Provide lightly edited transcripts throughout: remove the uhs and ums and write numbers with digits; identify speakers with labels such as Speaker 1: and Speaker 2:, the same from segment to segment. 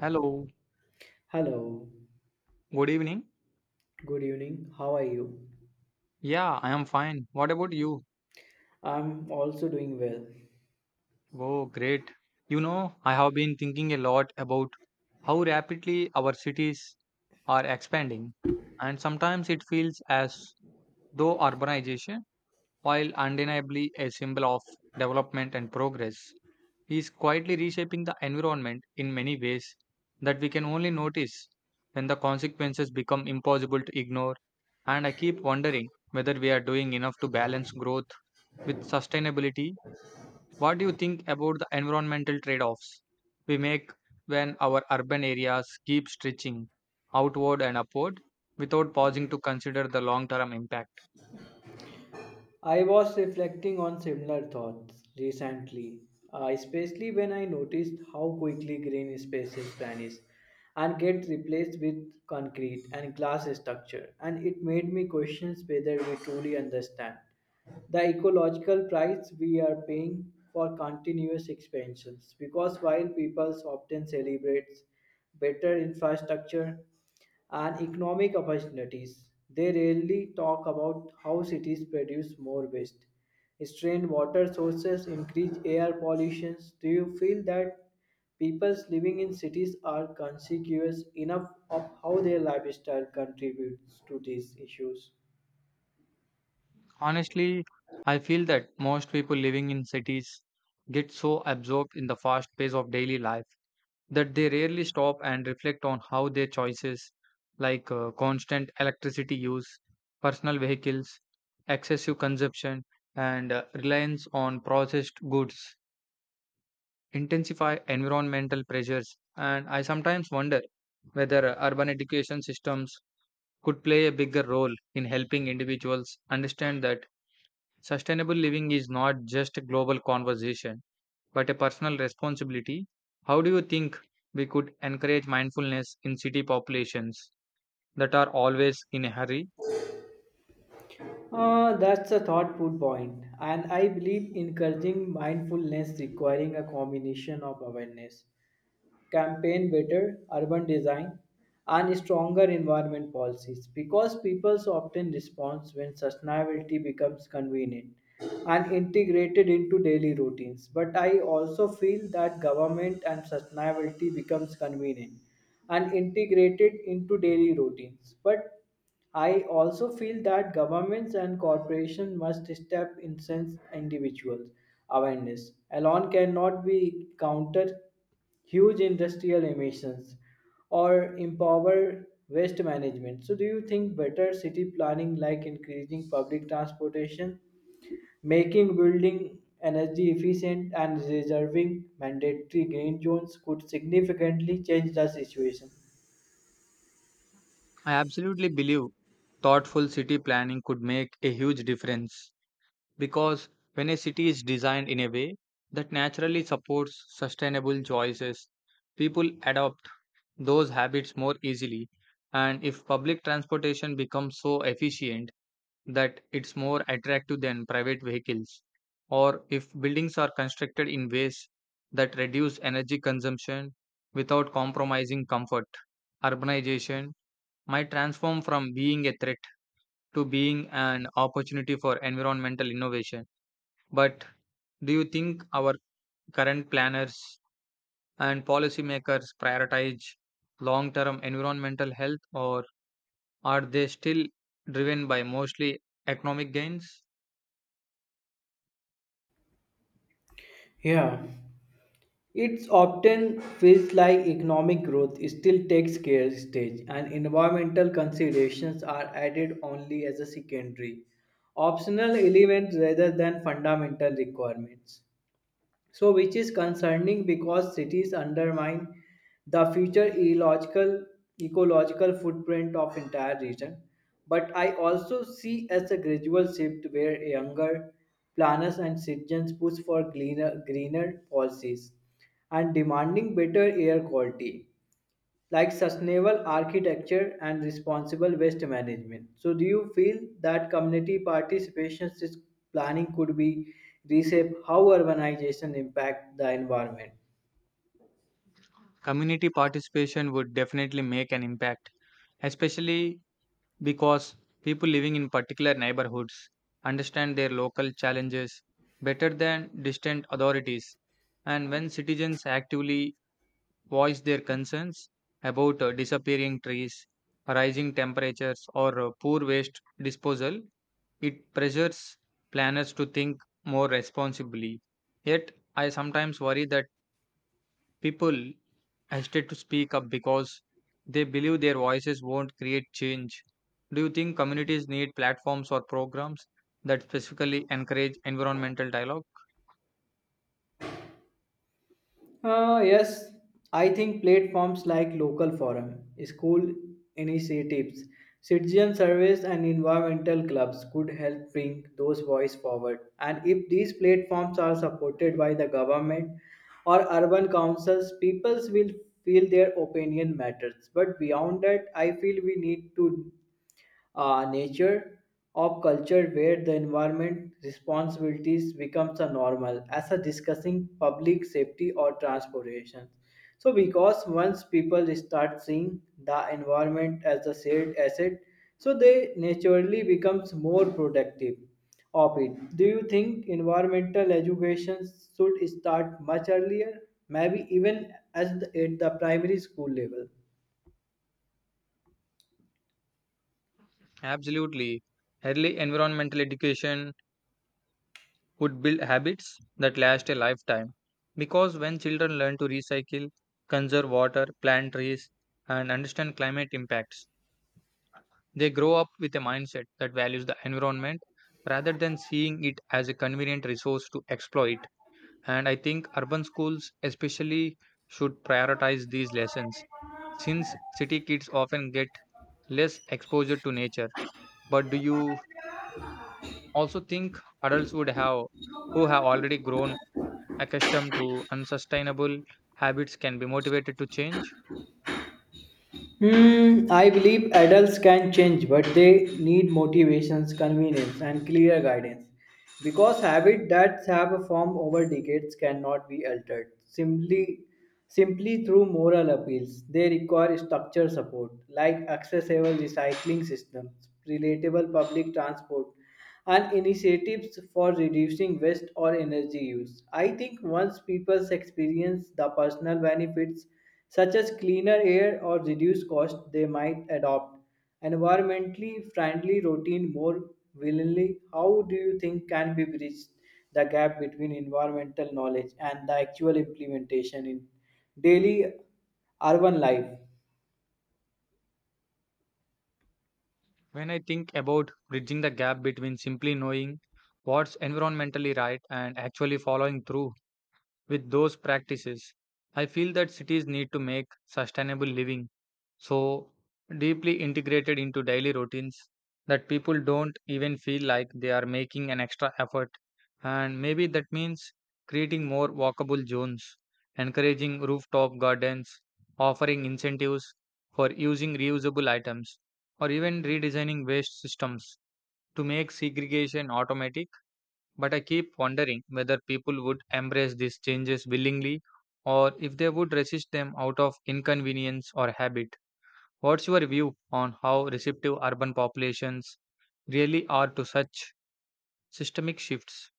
Speaker 1: Hello,
Speaker 2: Hello,
Speaker 1: good evening.
Speaker 2: good evening. How are you?
Speaker 1: Yeah, I am fine. What about you?
Speaker 2: I'm also doing well.
Speaker 1: Oh, great. You know, I have been thinking a lot about how rapidly our cities are expanding, and sometimes it feels as though urbanization, while undeniably a symbol of development and progress, he is quietly reshaping the environment in many ways that we can only notice when the consequences become impossible to ignore. And I keep wondering whether we are doing enough to balance growth with sustainability. What do you think about the environmental trade offs we make when our urban areas keep stretching outward and upward without pausing to consider the long term impact?
Speaker 2: I was reflecting on similar thoughts recently, especially when I noticed how quickly green spaces vanish and get replaced with concrete and glass structure, and it made me question whether we truly understand the ecological price we are paying for continuous expansions, because while people often celebrate better infrastructure and economic opportunities, they rarely talk about how cities produce more waste, strain water sources, increase air pollution. Do you feel that people living in cities are conscious enough of how their lifestyle contributes to these issues?
Speaker 1: Honestly, I feel that most people living in cities get so absorbed in the fast pace of daily life that they rarely stop and reflect on how their choices, like constant electricity use, personal vehicles, excessive consumption, and reliance on processed goods, intensify environmental pressures. And I sometimes wonder whether urban education systems could play a bigger role in helping individuals understand that sustainable living is not just a global conversation, but a personal responsibility. How do you think we could encourage mindfulness in city populations that are always in a hurry?
Speaker 2: That's a thoughtful point, and I believe encouraging mindfulness requiring a combination of awareness campaign, better urban design, and stronger environment policies, because people often respond when sustainability becomes convenient and integrated into daily routines, but I also feel that government and sustainability becomes convenient and integrated into daily routines, but I also feel that governments and corporations must step in since individuals awareness alone cannot be counter huge industrial emissions or empower waste management. So, do you think better city planning, like increasing public transportation, making building energy efficient, and reserving mandatory green zones, could significantly change the situation?
Speaker 1: I absolutely believe thoughtful city planning could make a huge difference because when a city is designed in a way that naturally supports sustainable choices, people adopt those habits more easily. And if public transportation becomes so efficient, that it's more attractive than private vehicles, or if buildings are constructed in ways that reduce energy consumption without compromising comfort. Urbanization might transform from being a threat to being an opportunity for environmental innovation. But do you think our current planners and policymakers prioritize long term environmental health, or are they still driven by mostly economic gains?
Speaker 2: Yeah, it often feels like economic growth still takes care stage and environmental considerations are added only as a secondary, optional element rather than fundamental requirements. So, which is concerning because cities undermine the future ecological footprint of entire region. But I also see as a gradual shift where younger planners and citizens push for greener policies and demanding better air quality, like sustainable architecture and responsible waste management. So, do you feel that community participation is planning could be reshape how urbanization impact the environment?
Speaker 1: Community participation would definitely make an impact, especially because people living in particular neighborhoods understand their local challenges better than distant authorities. And when citizens actively voice their concerns about disappearing trees, rising temperatures, or poor waste disposal, it pressures planners to think more responsibly. Yet, I sometimes worry that people hesitate to speak up because they believe their voices won't create change. Do you think communities need platforms or programs that specifically encourage environmental dialogue?
Speaker 2: Yes, I think platforms like local forum, school initiatives, citizen service, and environmental clubs could help bring those voices forward. And if these platforms are supported by the government or urban councils, peoples will feel their opinion matters. But beyond that, I feel we need to nature of culture where the environment responsibilities becomes a normal as a discussing public safety or transportation, so because once people start seeing the environment as a shared asset, so they naturally becomes more protective of it. Do you think environmental education should start much earlier, maybe even as at the primary school level?
Speaker 1: Absolutely. Early environmental education would build habits that last a lifetime because when children learn to recycle, conserve water, plant trees, and understand climate impacts, they grow up with a mindset that values the environment rather than seeing it as a convenient resource to exploit. And I think urban schools, especially, should prioritize these lessons since city kids often get less exposure to nature. But do you also think adults would have, who have already grown accustomed to unsustainable habits, can be motivated to change?
Speaker 2: Hmm, I believe adults can change, but they need motivations, convenience, and clear guidance. Because habits that have formed over decades cannot be altered simply through moral appeals. They require structure support, like accessible recycling systems, relatable public transport, and initiatives for reducing waste or energy use. I think once people experience the personal benefits such as cleaner air or reduced cost, they might adopt environmentally friendly routine more willingly. How do you think can be bridged the gap between environmental knowledge and the actual implementation in daily urban life?
Speaker 1: When I think about bridging the gap between simply knowing what's environmentally right and actually following through with those practices, I feel that cities need to make sustainable living so deeply integrated into daily routines that people don't even feel like they are making an extra effort. And maybe that means creating more walkable zones, encouraging rooftop gardens, offering incentives for using reusable items, or even redesigning waste systems to make segregation automatic. But I keep wondering whether people would embrace these changes willingly or if they would resist them out of inconvenience or habit. What's your view on how receptive urban populations really are to such systemic shifts?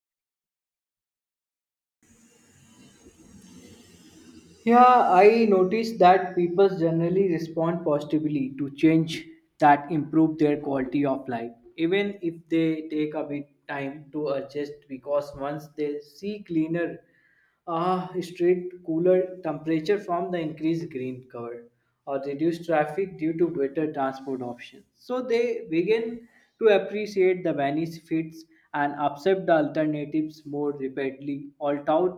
Speaker 2: Yeah, I noticed that people generally respond positively to change that improve their quality of life, even if they take a bit time to adjust, because once they see cleaner street, cooler temperature from the increased green cover, or reduced traffic due to better transport options. So they begin to appreciate the benefits and accept the alternatives more rapidly. All out,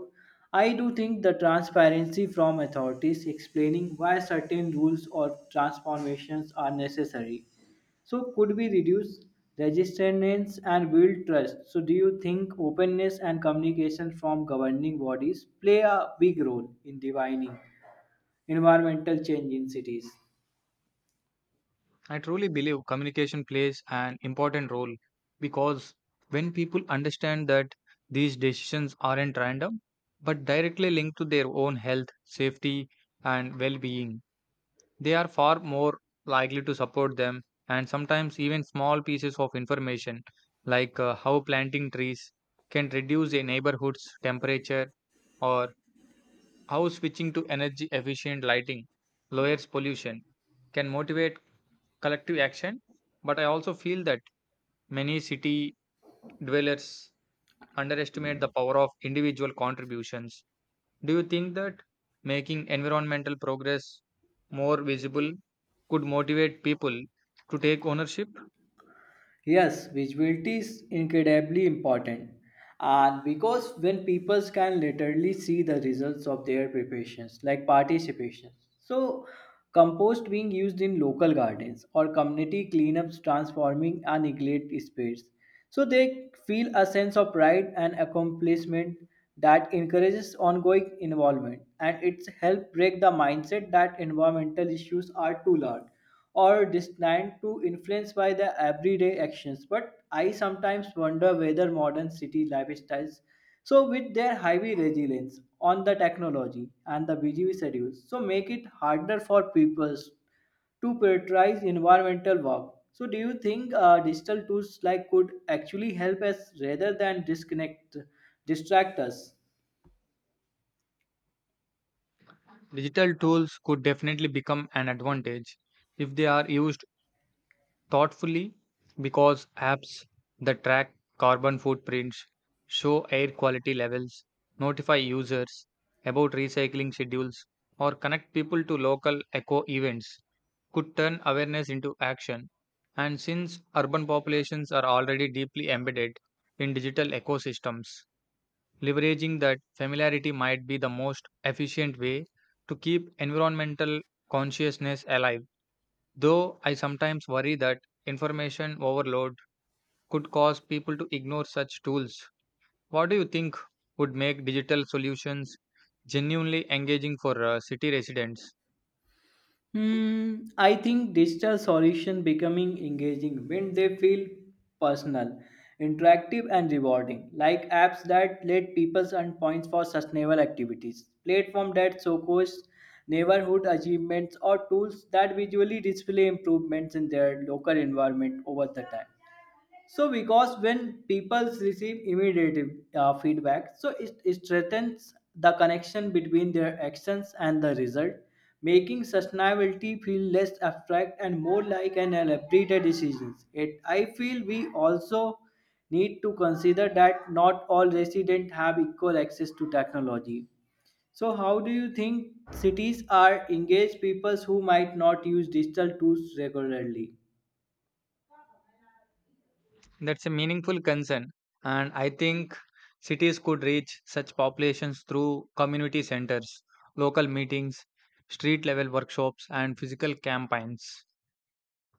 Speaker 2: I do think the transparency from authorities explaining why certain rules or transformations are necessary. So could we reduce resistance and build trust? So do you think openness and communication from governing bodies play a big role in defining environmental change in cities?
Speaker 1: I truly believe communication plays an important role because when people understand that these decisions aren't random but directly linked to their own health, safety, and well being, they are far more likely to support them. And sometimes, even small pieces of information like how planting trees can reduce a neighborhood's temperature or how switching to energy efficient lighting lowers pollution can motivate collective action, but I also feel that many city dwellers underestimate the power of individual contributions. Do you think that making environmental progress more visible could motivate people to take ownership?
Speaker 2: Yes, visibility is incredibly important. And because when people can literally see the results of their preparations, like participation. So, compost being used in local gardens, or community cleanups transforming a neglected space. So, they feel a sense of pride and accomplishment that encourages ongoing involvement, and it's help break the mindset that environmental issues are too large or destined to influence by the everyday actions. But I sometimes wonder whether modern city lifestyles, so with their heavy resilience on the technology and the busy schedules, so make it harder for people to prioritize environmental work. So, do you think digital tools like could actually help us rather than disconnect, distract us?
Speaker 1: Digital tools could definitely become an advantage if they are used thoughtfully because apps that track carbon footprints, show air quality levels, notify users about recycling schedules, or connect people to local eco events could turn awareness into action. And since urban populations are already deeply embedded in digital ecosystems, leveraging that familiarity might be the most efficient way to keep environmental consciousness alive. Though I sometimes worry that information overload could cause people to ignore such tools. What do you think would make digital solutions genuinely engaging for city residents?
Speaker 2: Hmm, I think digital solution becoming engaging when they feel personal, interactive, and rewarding, like apps that let people earn points for sustainable activities, platform that showcase neighborhood achievements, or tools that visually display improvements in their local environment over the time, so because when people receive immediate feedback, so it strengthens the connection between their actions and the result, making sustainability feel less abstract and more like an elaborated decision. It I feel we also need to consider that not all residents have equal access to technology. So how do you think cities are engaged people who might not use digital tools regularly?
Speaker 1: That's a meaningful concern, and I think cities could reach such populations through community centers, local meetings, street level workshops, and physical campaigns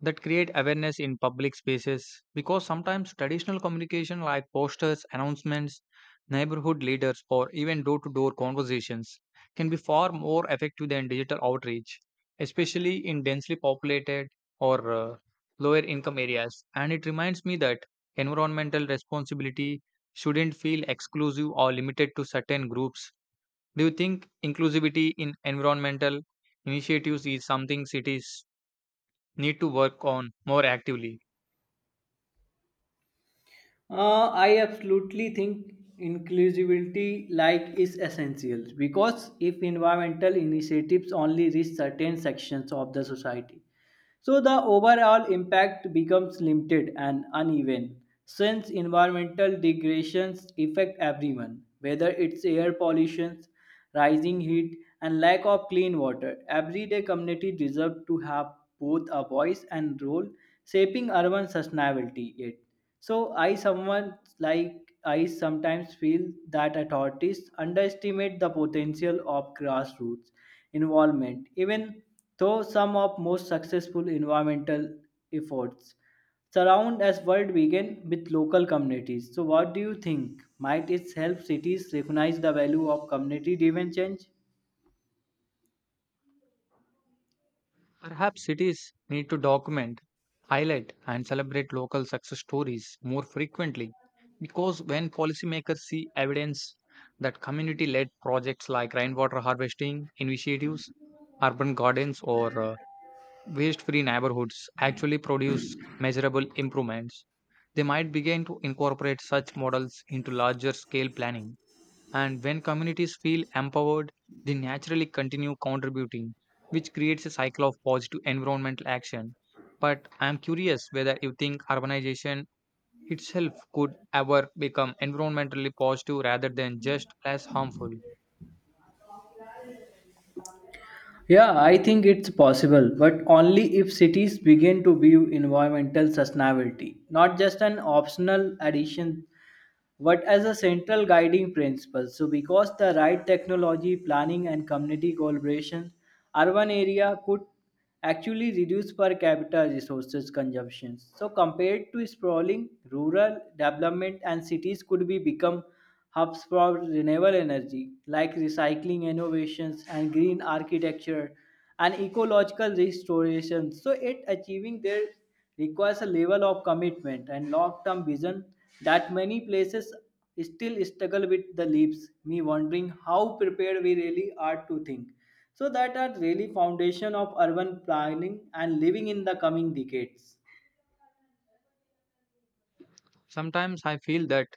Speaker 1: that create awareness in public spaces because sometimes traditional communication like posters, announcements, neighborhood leaders, or even door to door conversations can be far more effective than digital outreach, especially in densely populated or lower income areas. And it reminds me that environmental responsibility shouldn't feel exclusive or limited to certain groups. Do you think inclusivity in environmental initiatives is something cities need to work on more actively?
Speaker 2: I absolutely think inclusivity like is essential, because if environmental initiatives only reach certain sections of the society, so the overall impact becomes limited and uneven since environmental degradations affect everyone, whether it's air pollution, rising heat, and lack of clean water. Everyday community deserve to have both a voice and role shaping urban sustainability. Yet. So I someone like I sometimes feel that authorities underestimate the potential of grassroots involvement, even though some of most successful environmental efforts surround as world began with local communities. So what do you think? Might it help cities recognize the value of community driven change?
Speaker 1: Perhaps cities need to document, highlight, and celebrate local success stories more frequently because when policymakers see evidence that community led projects like rainwater harvesting initiatives, urban gardens, or waste free neighborhoods actually produce measurable improvements, they might begin to incorporate such models into larger scale planning. And when communities feel empowered, they naturally continue contributing, which creates a cycle of positive environmental action. But I am curious whether you think urbanization itself could ever become environmentally positive rather than just less harmful.
Speaker 2: Yeah, I think it's possible, but only if cities begin to view environmental sustainability, not just an optional addition what as a central guiding principle. So, because the right technology, planning, and community collaboration, urban area could actually reduce per capita resources consumption. So, compared to sprawling, rural development, and cities could be become hubs for renewable energy, like recycling innovations and green architecture and ecological restoration. So, it achieving their requires a level of commitment and long-term vision that many places still struggle with, the leaves me wondering how prepared we really are to think so that are really foundation of urban planning and living in the coming decades.
Speaker 1: Sometimes I feel that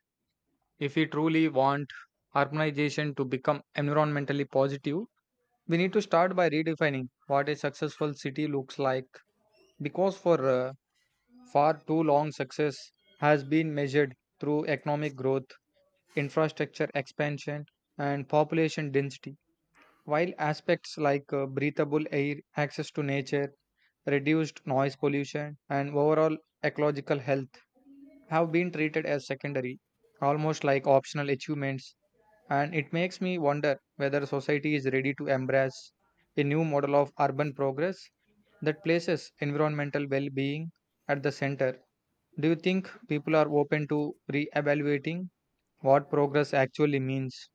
Speaker 1: if we truly want urbanization to become environmentally positive, we need to start by redefining what a successful city looks like. Because for too long, success has been measured through economic growth, infrastructure expansion, and population density, while aspects like breathable air, access to nature, reduced noise pollution, and overall ecological health have been treated as secondary, almost like optional achievements. And it makes me wonder whether society is ready to embrace a new model of urban progress that places environmental well being at the center. Do you think people are open to re-evaluating what progress actually means?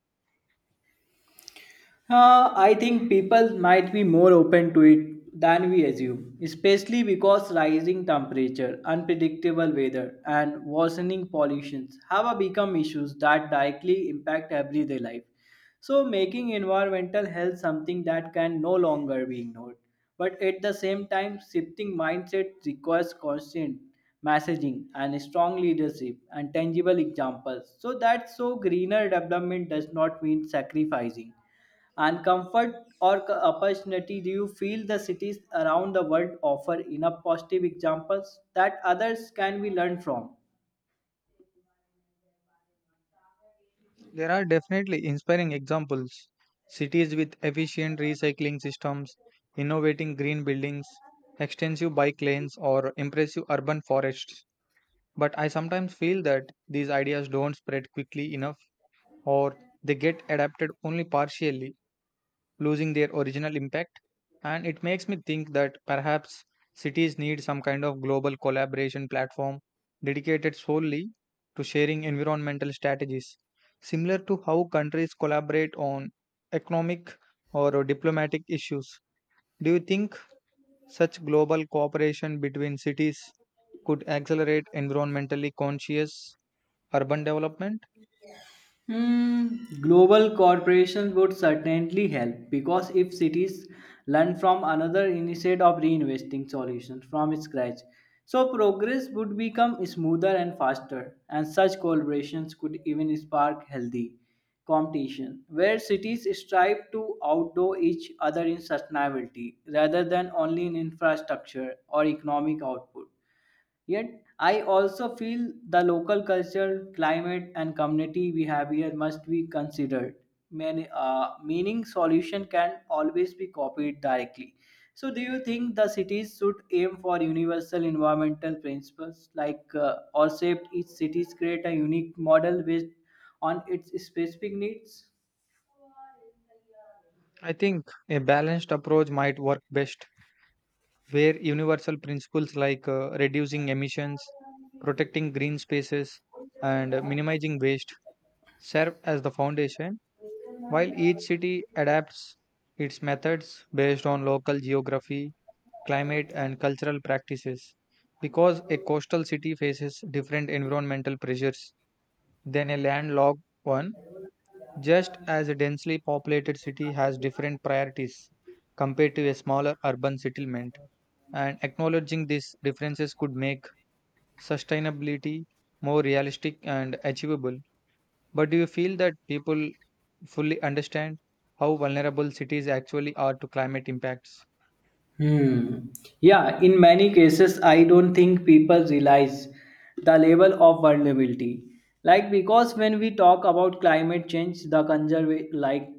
Speaker 2: I think people might be more open to it than we assume, especially because rising temperature, unpredictable weather, and worsening pollutions have become issues that directly impact everyday life. So, making environmental health something that can no longer be ignored. But at the same time, shifting mindset requires constant messaging and strong leadership and tangible examples, so that so greener development does not mean sacrificing and comfort or c- opportunity. Do you feel the cities around the world offer enough positive examples that others can be learned from?
Speaker 1: There are definitely inspiring examples. Cities with efficient recycling systems, innovating green buildings, extensive bike lanes, or impressive urban forests. But I sometimes feel that these ideas don't spread quickly enough or they get adapted only partially losing their original impact. And it makes me think that perhaps cities need some kind of global collaboration platform dedicated solely to sharing environmental strategies, similar to how countries collaborate on economic or diplomatic issues. Do you think such global cooperation between cities could accelerate environmentally conscious urban development?
Speaker 2: Hmm, global cooperation would certainly help, because if cities learn from another instead of reinvesting solutions from scratch, so progress would become smoother and faster. And such collaborations could even spark healthy competition where cities strive to outdo each other in sustainability rather than only in infrastructure or economic output. Yet, I also feel the local culture, climate, and community we have here must be considered. Many, meaning solution can always be copied directly. So, do you think the cities should aim for universal environmental principles, like or shape each cities create a unique model based on its specific needs?
Speaker 1: I think a balanced approach might work best where universal principles like reducing emissions, protecting green spaces, and minimizing waste serve as the foundation, while each city adapts its methods based on local geography, climate, and cultural practices. Because a coastal city faces different environmental pressures than a landlocked one, just as a densely populated city has different priorities compared to a smaller urban settlement and acknowledging these differences could make sustainability more realistic and achievable. But do you feel that people fully understand how vulnerable cities actually are to climate impacts?
Speaker 2: Hmm. Yeah, in many cases, I don't think people realize the level of vulnerability. Like because when we talk about climate change, the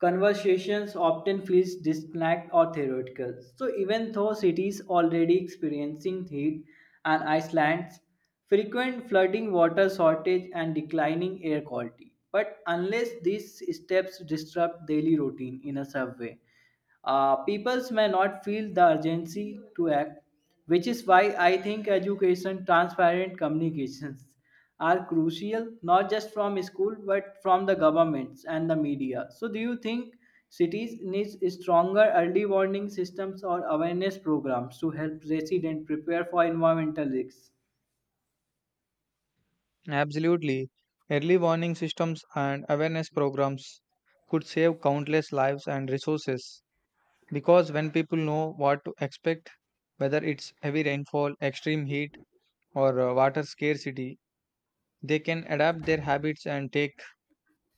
Speaker 2: conversations often feels disconnect or theoretical. So even though cities already experiencing heat and Iceland's frequent flooding, water shortage, and declining air quality. But unless these steps disrupt daily routine in a subway, peoples may not feel the urgency to act, which is why I think education, transparent communications are crucial, not just from school but from the governments and the media. So, do you think cities needs stronger early warning systems or awareness programs to help residents prepare for environmental risks?
Speaker 1: Absolutely. Early warning systems and awareness programs could save countless lives and resources because when people know what to expect, whether it's heavy rainfall, extreme heat, or water scarcity, they can adapt their habits and take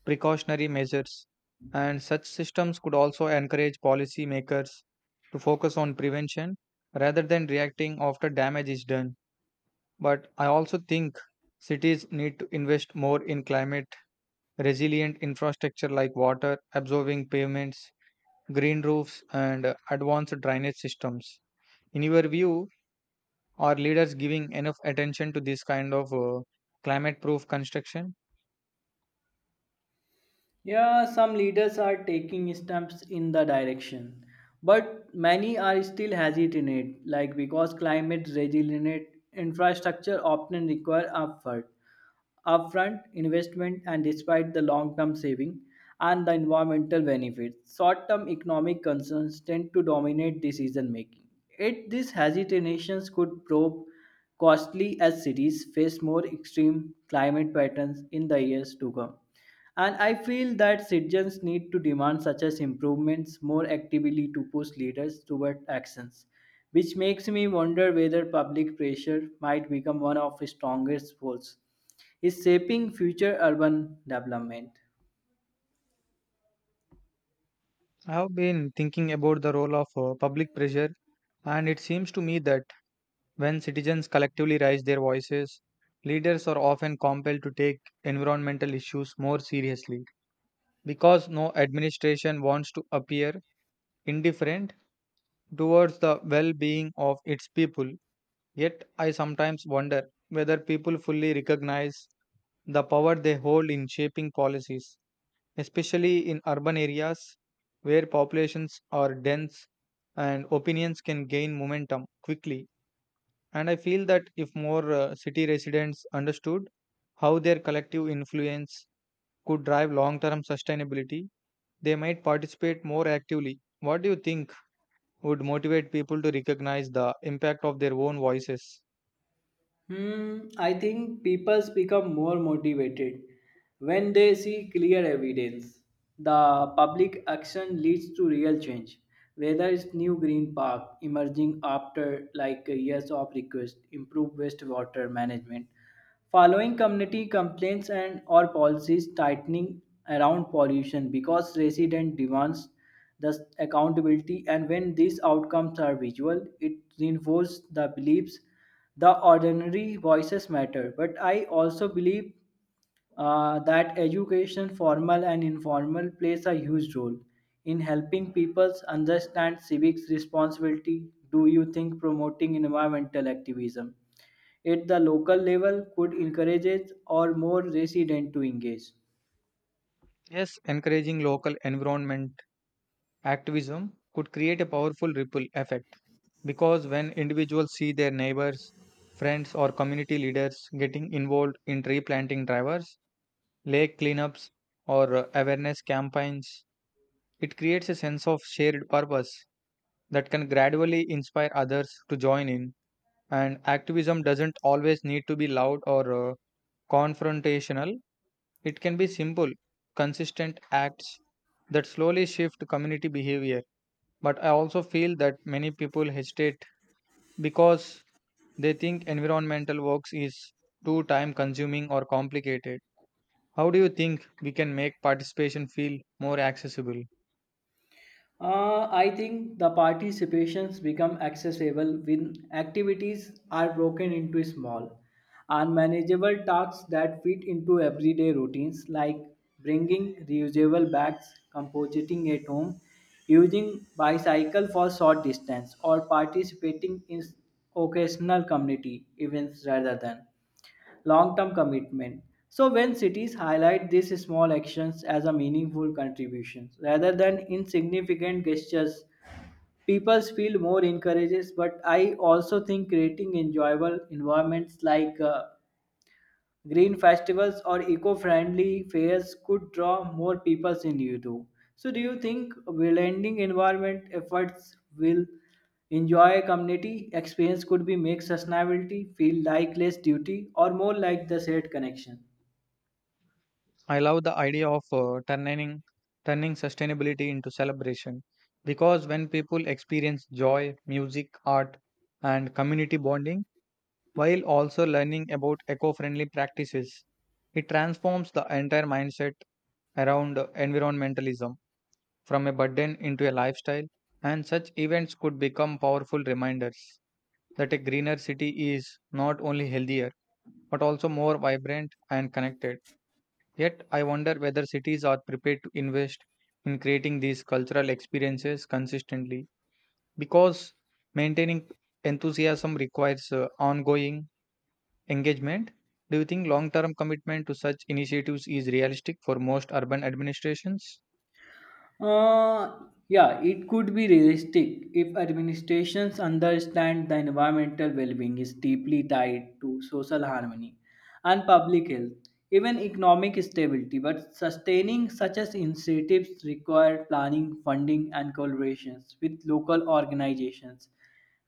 Speaker 1: precautionary measures, and such systems could also encourage policymakers to focus on prevention rather than reacting after damage is done. But I also think cities need to invest more in climate resilient infrastructure like water absorbing pavements, green roofs, and advanced drainage systems. In your view, are leaders giving enough attention to this kind of climate proof construction?
Speaker 2: Yeah, some leaders are taking steps in the direction, but many are still hesitant, like because climate resilient infrastructure often require effort, upfront investment, and despite the long-term saving and the environmental benefits, short-term economic concerns tend to dominate decision making. Yet these hesitations could prove costly as cities face more extreme climate patterns in the years to come. And I feel that citizens need to demand such as improvements more actively to push leaders toward actions, which makes me wonder whether public pressure might become one of the strongest force is shaping future urban development.
Speaker 1: I have been thinking about the role of public pressure, and it seems to me that when citizens collectively raise their voices, leaders are often compelled to take environmental issues more seriously because no administration wants to appear indifferent towards the well being of its people. Yet, I sometimes wonder whether people fully recognize the power they hold in shaping policies, especially in urban areas where populations are dense and opinions can gain momentum quickly. And I feel that if more city residents understood how their collective influence could drive long term sustainability, they might participate more actively. What do you think would motivate people to recognize the impact of their own voices?
Speaker 2: Hmm, I think people become more motivated when they see clear evidence. The public action leads to real change. Whether it's new green park emerging after like years of request, improved wastewater management, following community complaints, and or policies tightening around pollution because resident demands the accountability. And when these outcomes are visual, it reinforces the beliefs the ordinary voices matter. But I also believe that education formal and informal plays a huge role in helping people understand civics responsibility. Do you think promoting environmental activism at the local level could encourage or more residents to engage?
Speaker 1: Yes, encouraging local environment activism could create a powerful ripple effect because when individuals see their neighbors, friends, or community leaders getting involved in tree planting drivers, lake cleanups, or awareness campaigns, it creates a sense of shared purpose that can gradually inspire others to join in. And activism doesn't always need to be loud or confrontational, it can be simple, consistent acts that slowly shift community behavior. But I also feel that many people hesitate because they think environmental works is too time consuming or complicated. How do you think we can make participation feel more accessible?
Speaker 2: I think the participations become accessible when activities are broken into small and manageable tasks that fit into everyday routines, like bringing reusable bags, compositing at home, using bicycle for short distance, or participating in occasional community events rather than long term commitment. So, when cities highlight these small actions as a meaningful contributions rather than insignificant gestures, people feel more encouraged. But I also think creating enjoyable environments, like green festivals or eco-friendly fairs, could draw more people in Europe. So do you think blending environment efforts will enjoy community experience could be make sustainability feel like less duty or more like the shared connection?
Speaker 1: I love the idea of turning sustainability into celebration because when people experience joy, music, art, and community bonding while also learning about eco-friendly practices, it transforms the entire mindset around environmentalism from a burden into a lifestyle, and such events could become powerful reminders that a greener city is not only healthier but also more vibrant and connected. Yet, I wonder whether cities are prepared to invest in creating these cultural experiences consistently because maintaining enthusiasm requires ongoing engagement. Do you think long term commitment to such initiatives is realistic for most urban administrations?
Speaker 2: Uh, yeah, it could be realistic if administrations understand the environmental well being is deeply tied to social harmony and public health, even economic stability. But sustaining such as initiatives require planning, funding, and collaborations with local organizations,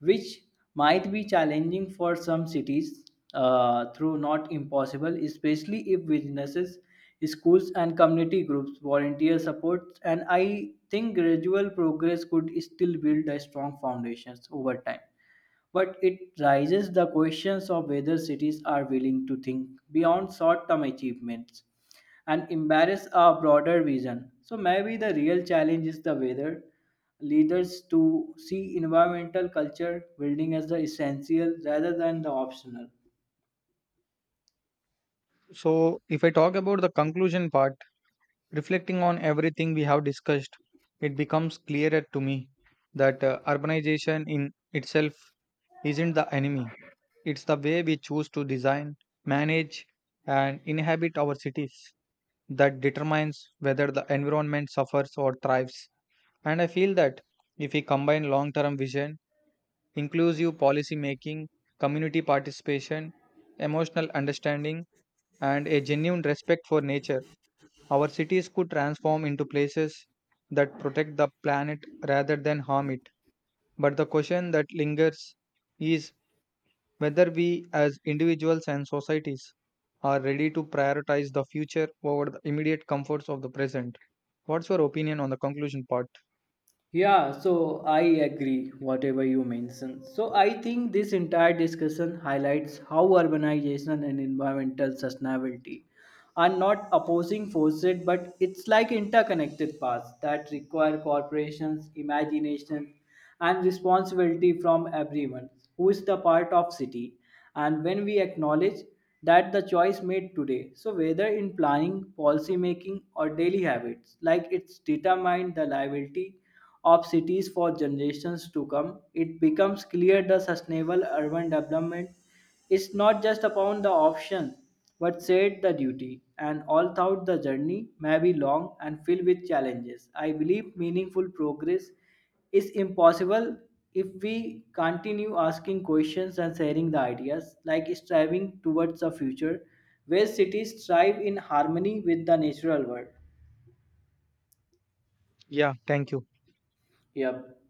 Speaker 2: which might be challenging for some cities, through not impossible, especially if businesses, schools, and community groups volunteer support. And I think gradual progress could still build a strong foundations over time. But it raises the questions of whether cities are willing to think beyond short term achievements and embrace a broader vision. So maybe the real challenge is the whether leaders to see environmental culture building as the essential rather than the optional.
Speaker 1: So, if I talk about the conclusion part, reflecting on everything we have discussed, it becomes clearer to me that urbanization in itself isn't the enemy. It's the way we choose to design, manage, and inhabit our cities that determines whether the environment suffers or thrives. And I feel that if we combine long term vision, inclusive policy making, community participation, emotional understanding, and a genuine respect for nature, our cities could transform into places that protect the planet rather than harm it. But the question that lingers is whether we as individuals and societies are ready to prioritize the future over the immediate comforts of the present. What's your opinion on the conclusion part?
Speaker 2: Yeah, so I agree whatever you mentioned. So I think this entire discussion highlights how urbanization and environmental sustainability are not opposing forces, but it's like interconnected paths that require corporations, imagination, and responsibility from everyone who is the part of city. And when we acknowledge that the choice made today, so whether in planning, policy making, or daily habits, like it's determined the liability of cities for generations to come, it becomes clear the sustainable urban development is not just upon the option but said the duty. And all thought the journey may be long and filled with challenges, I believe meaningful progress is impossible if we continue asking questions and sharing the ideas, like striving towards a future where cities thrive in harmony with the natural world.
Speaker 1: Yeah, thank you.
Speaker 2: Yep.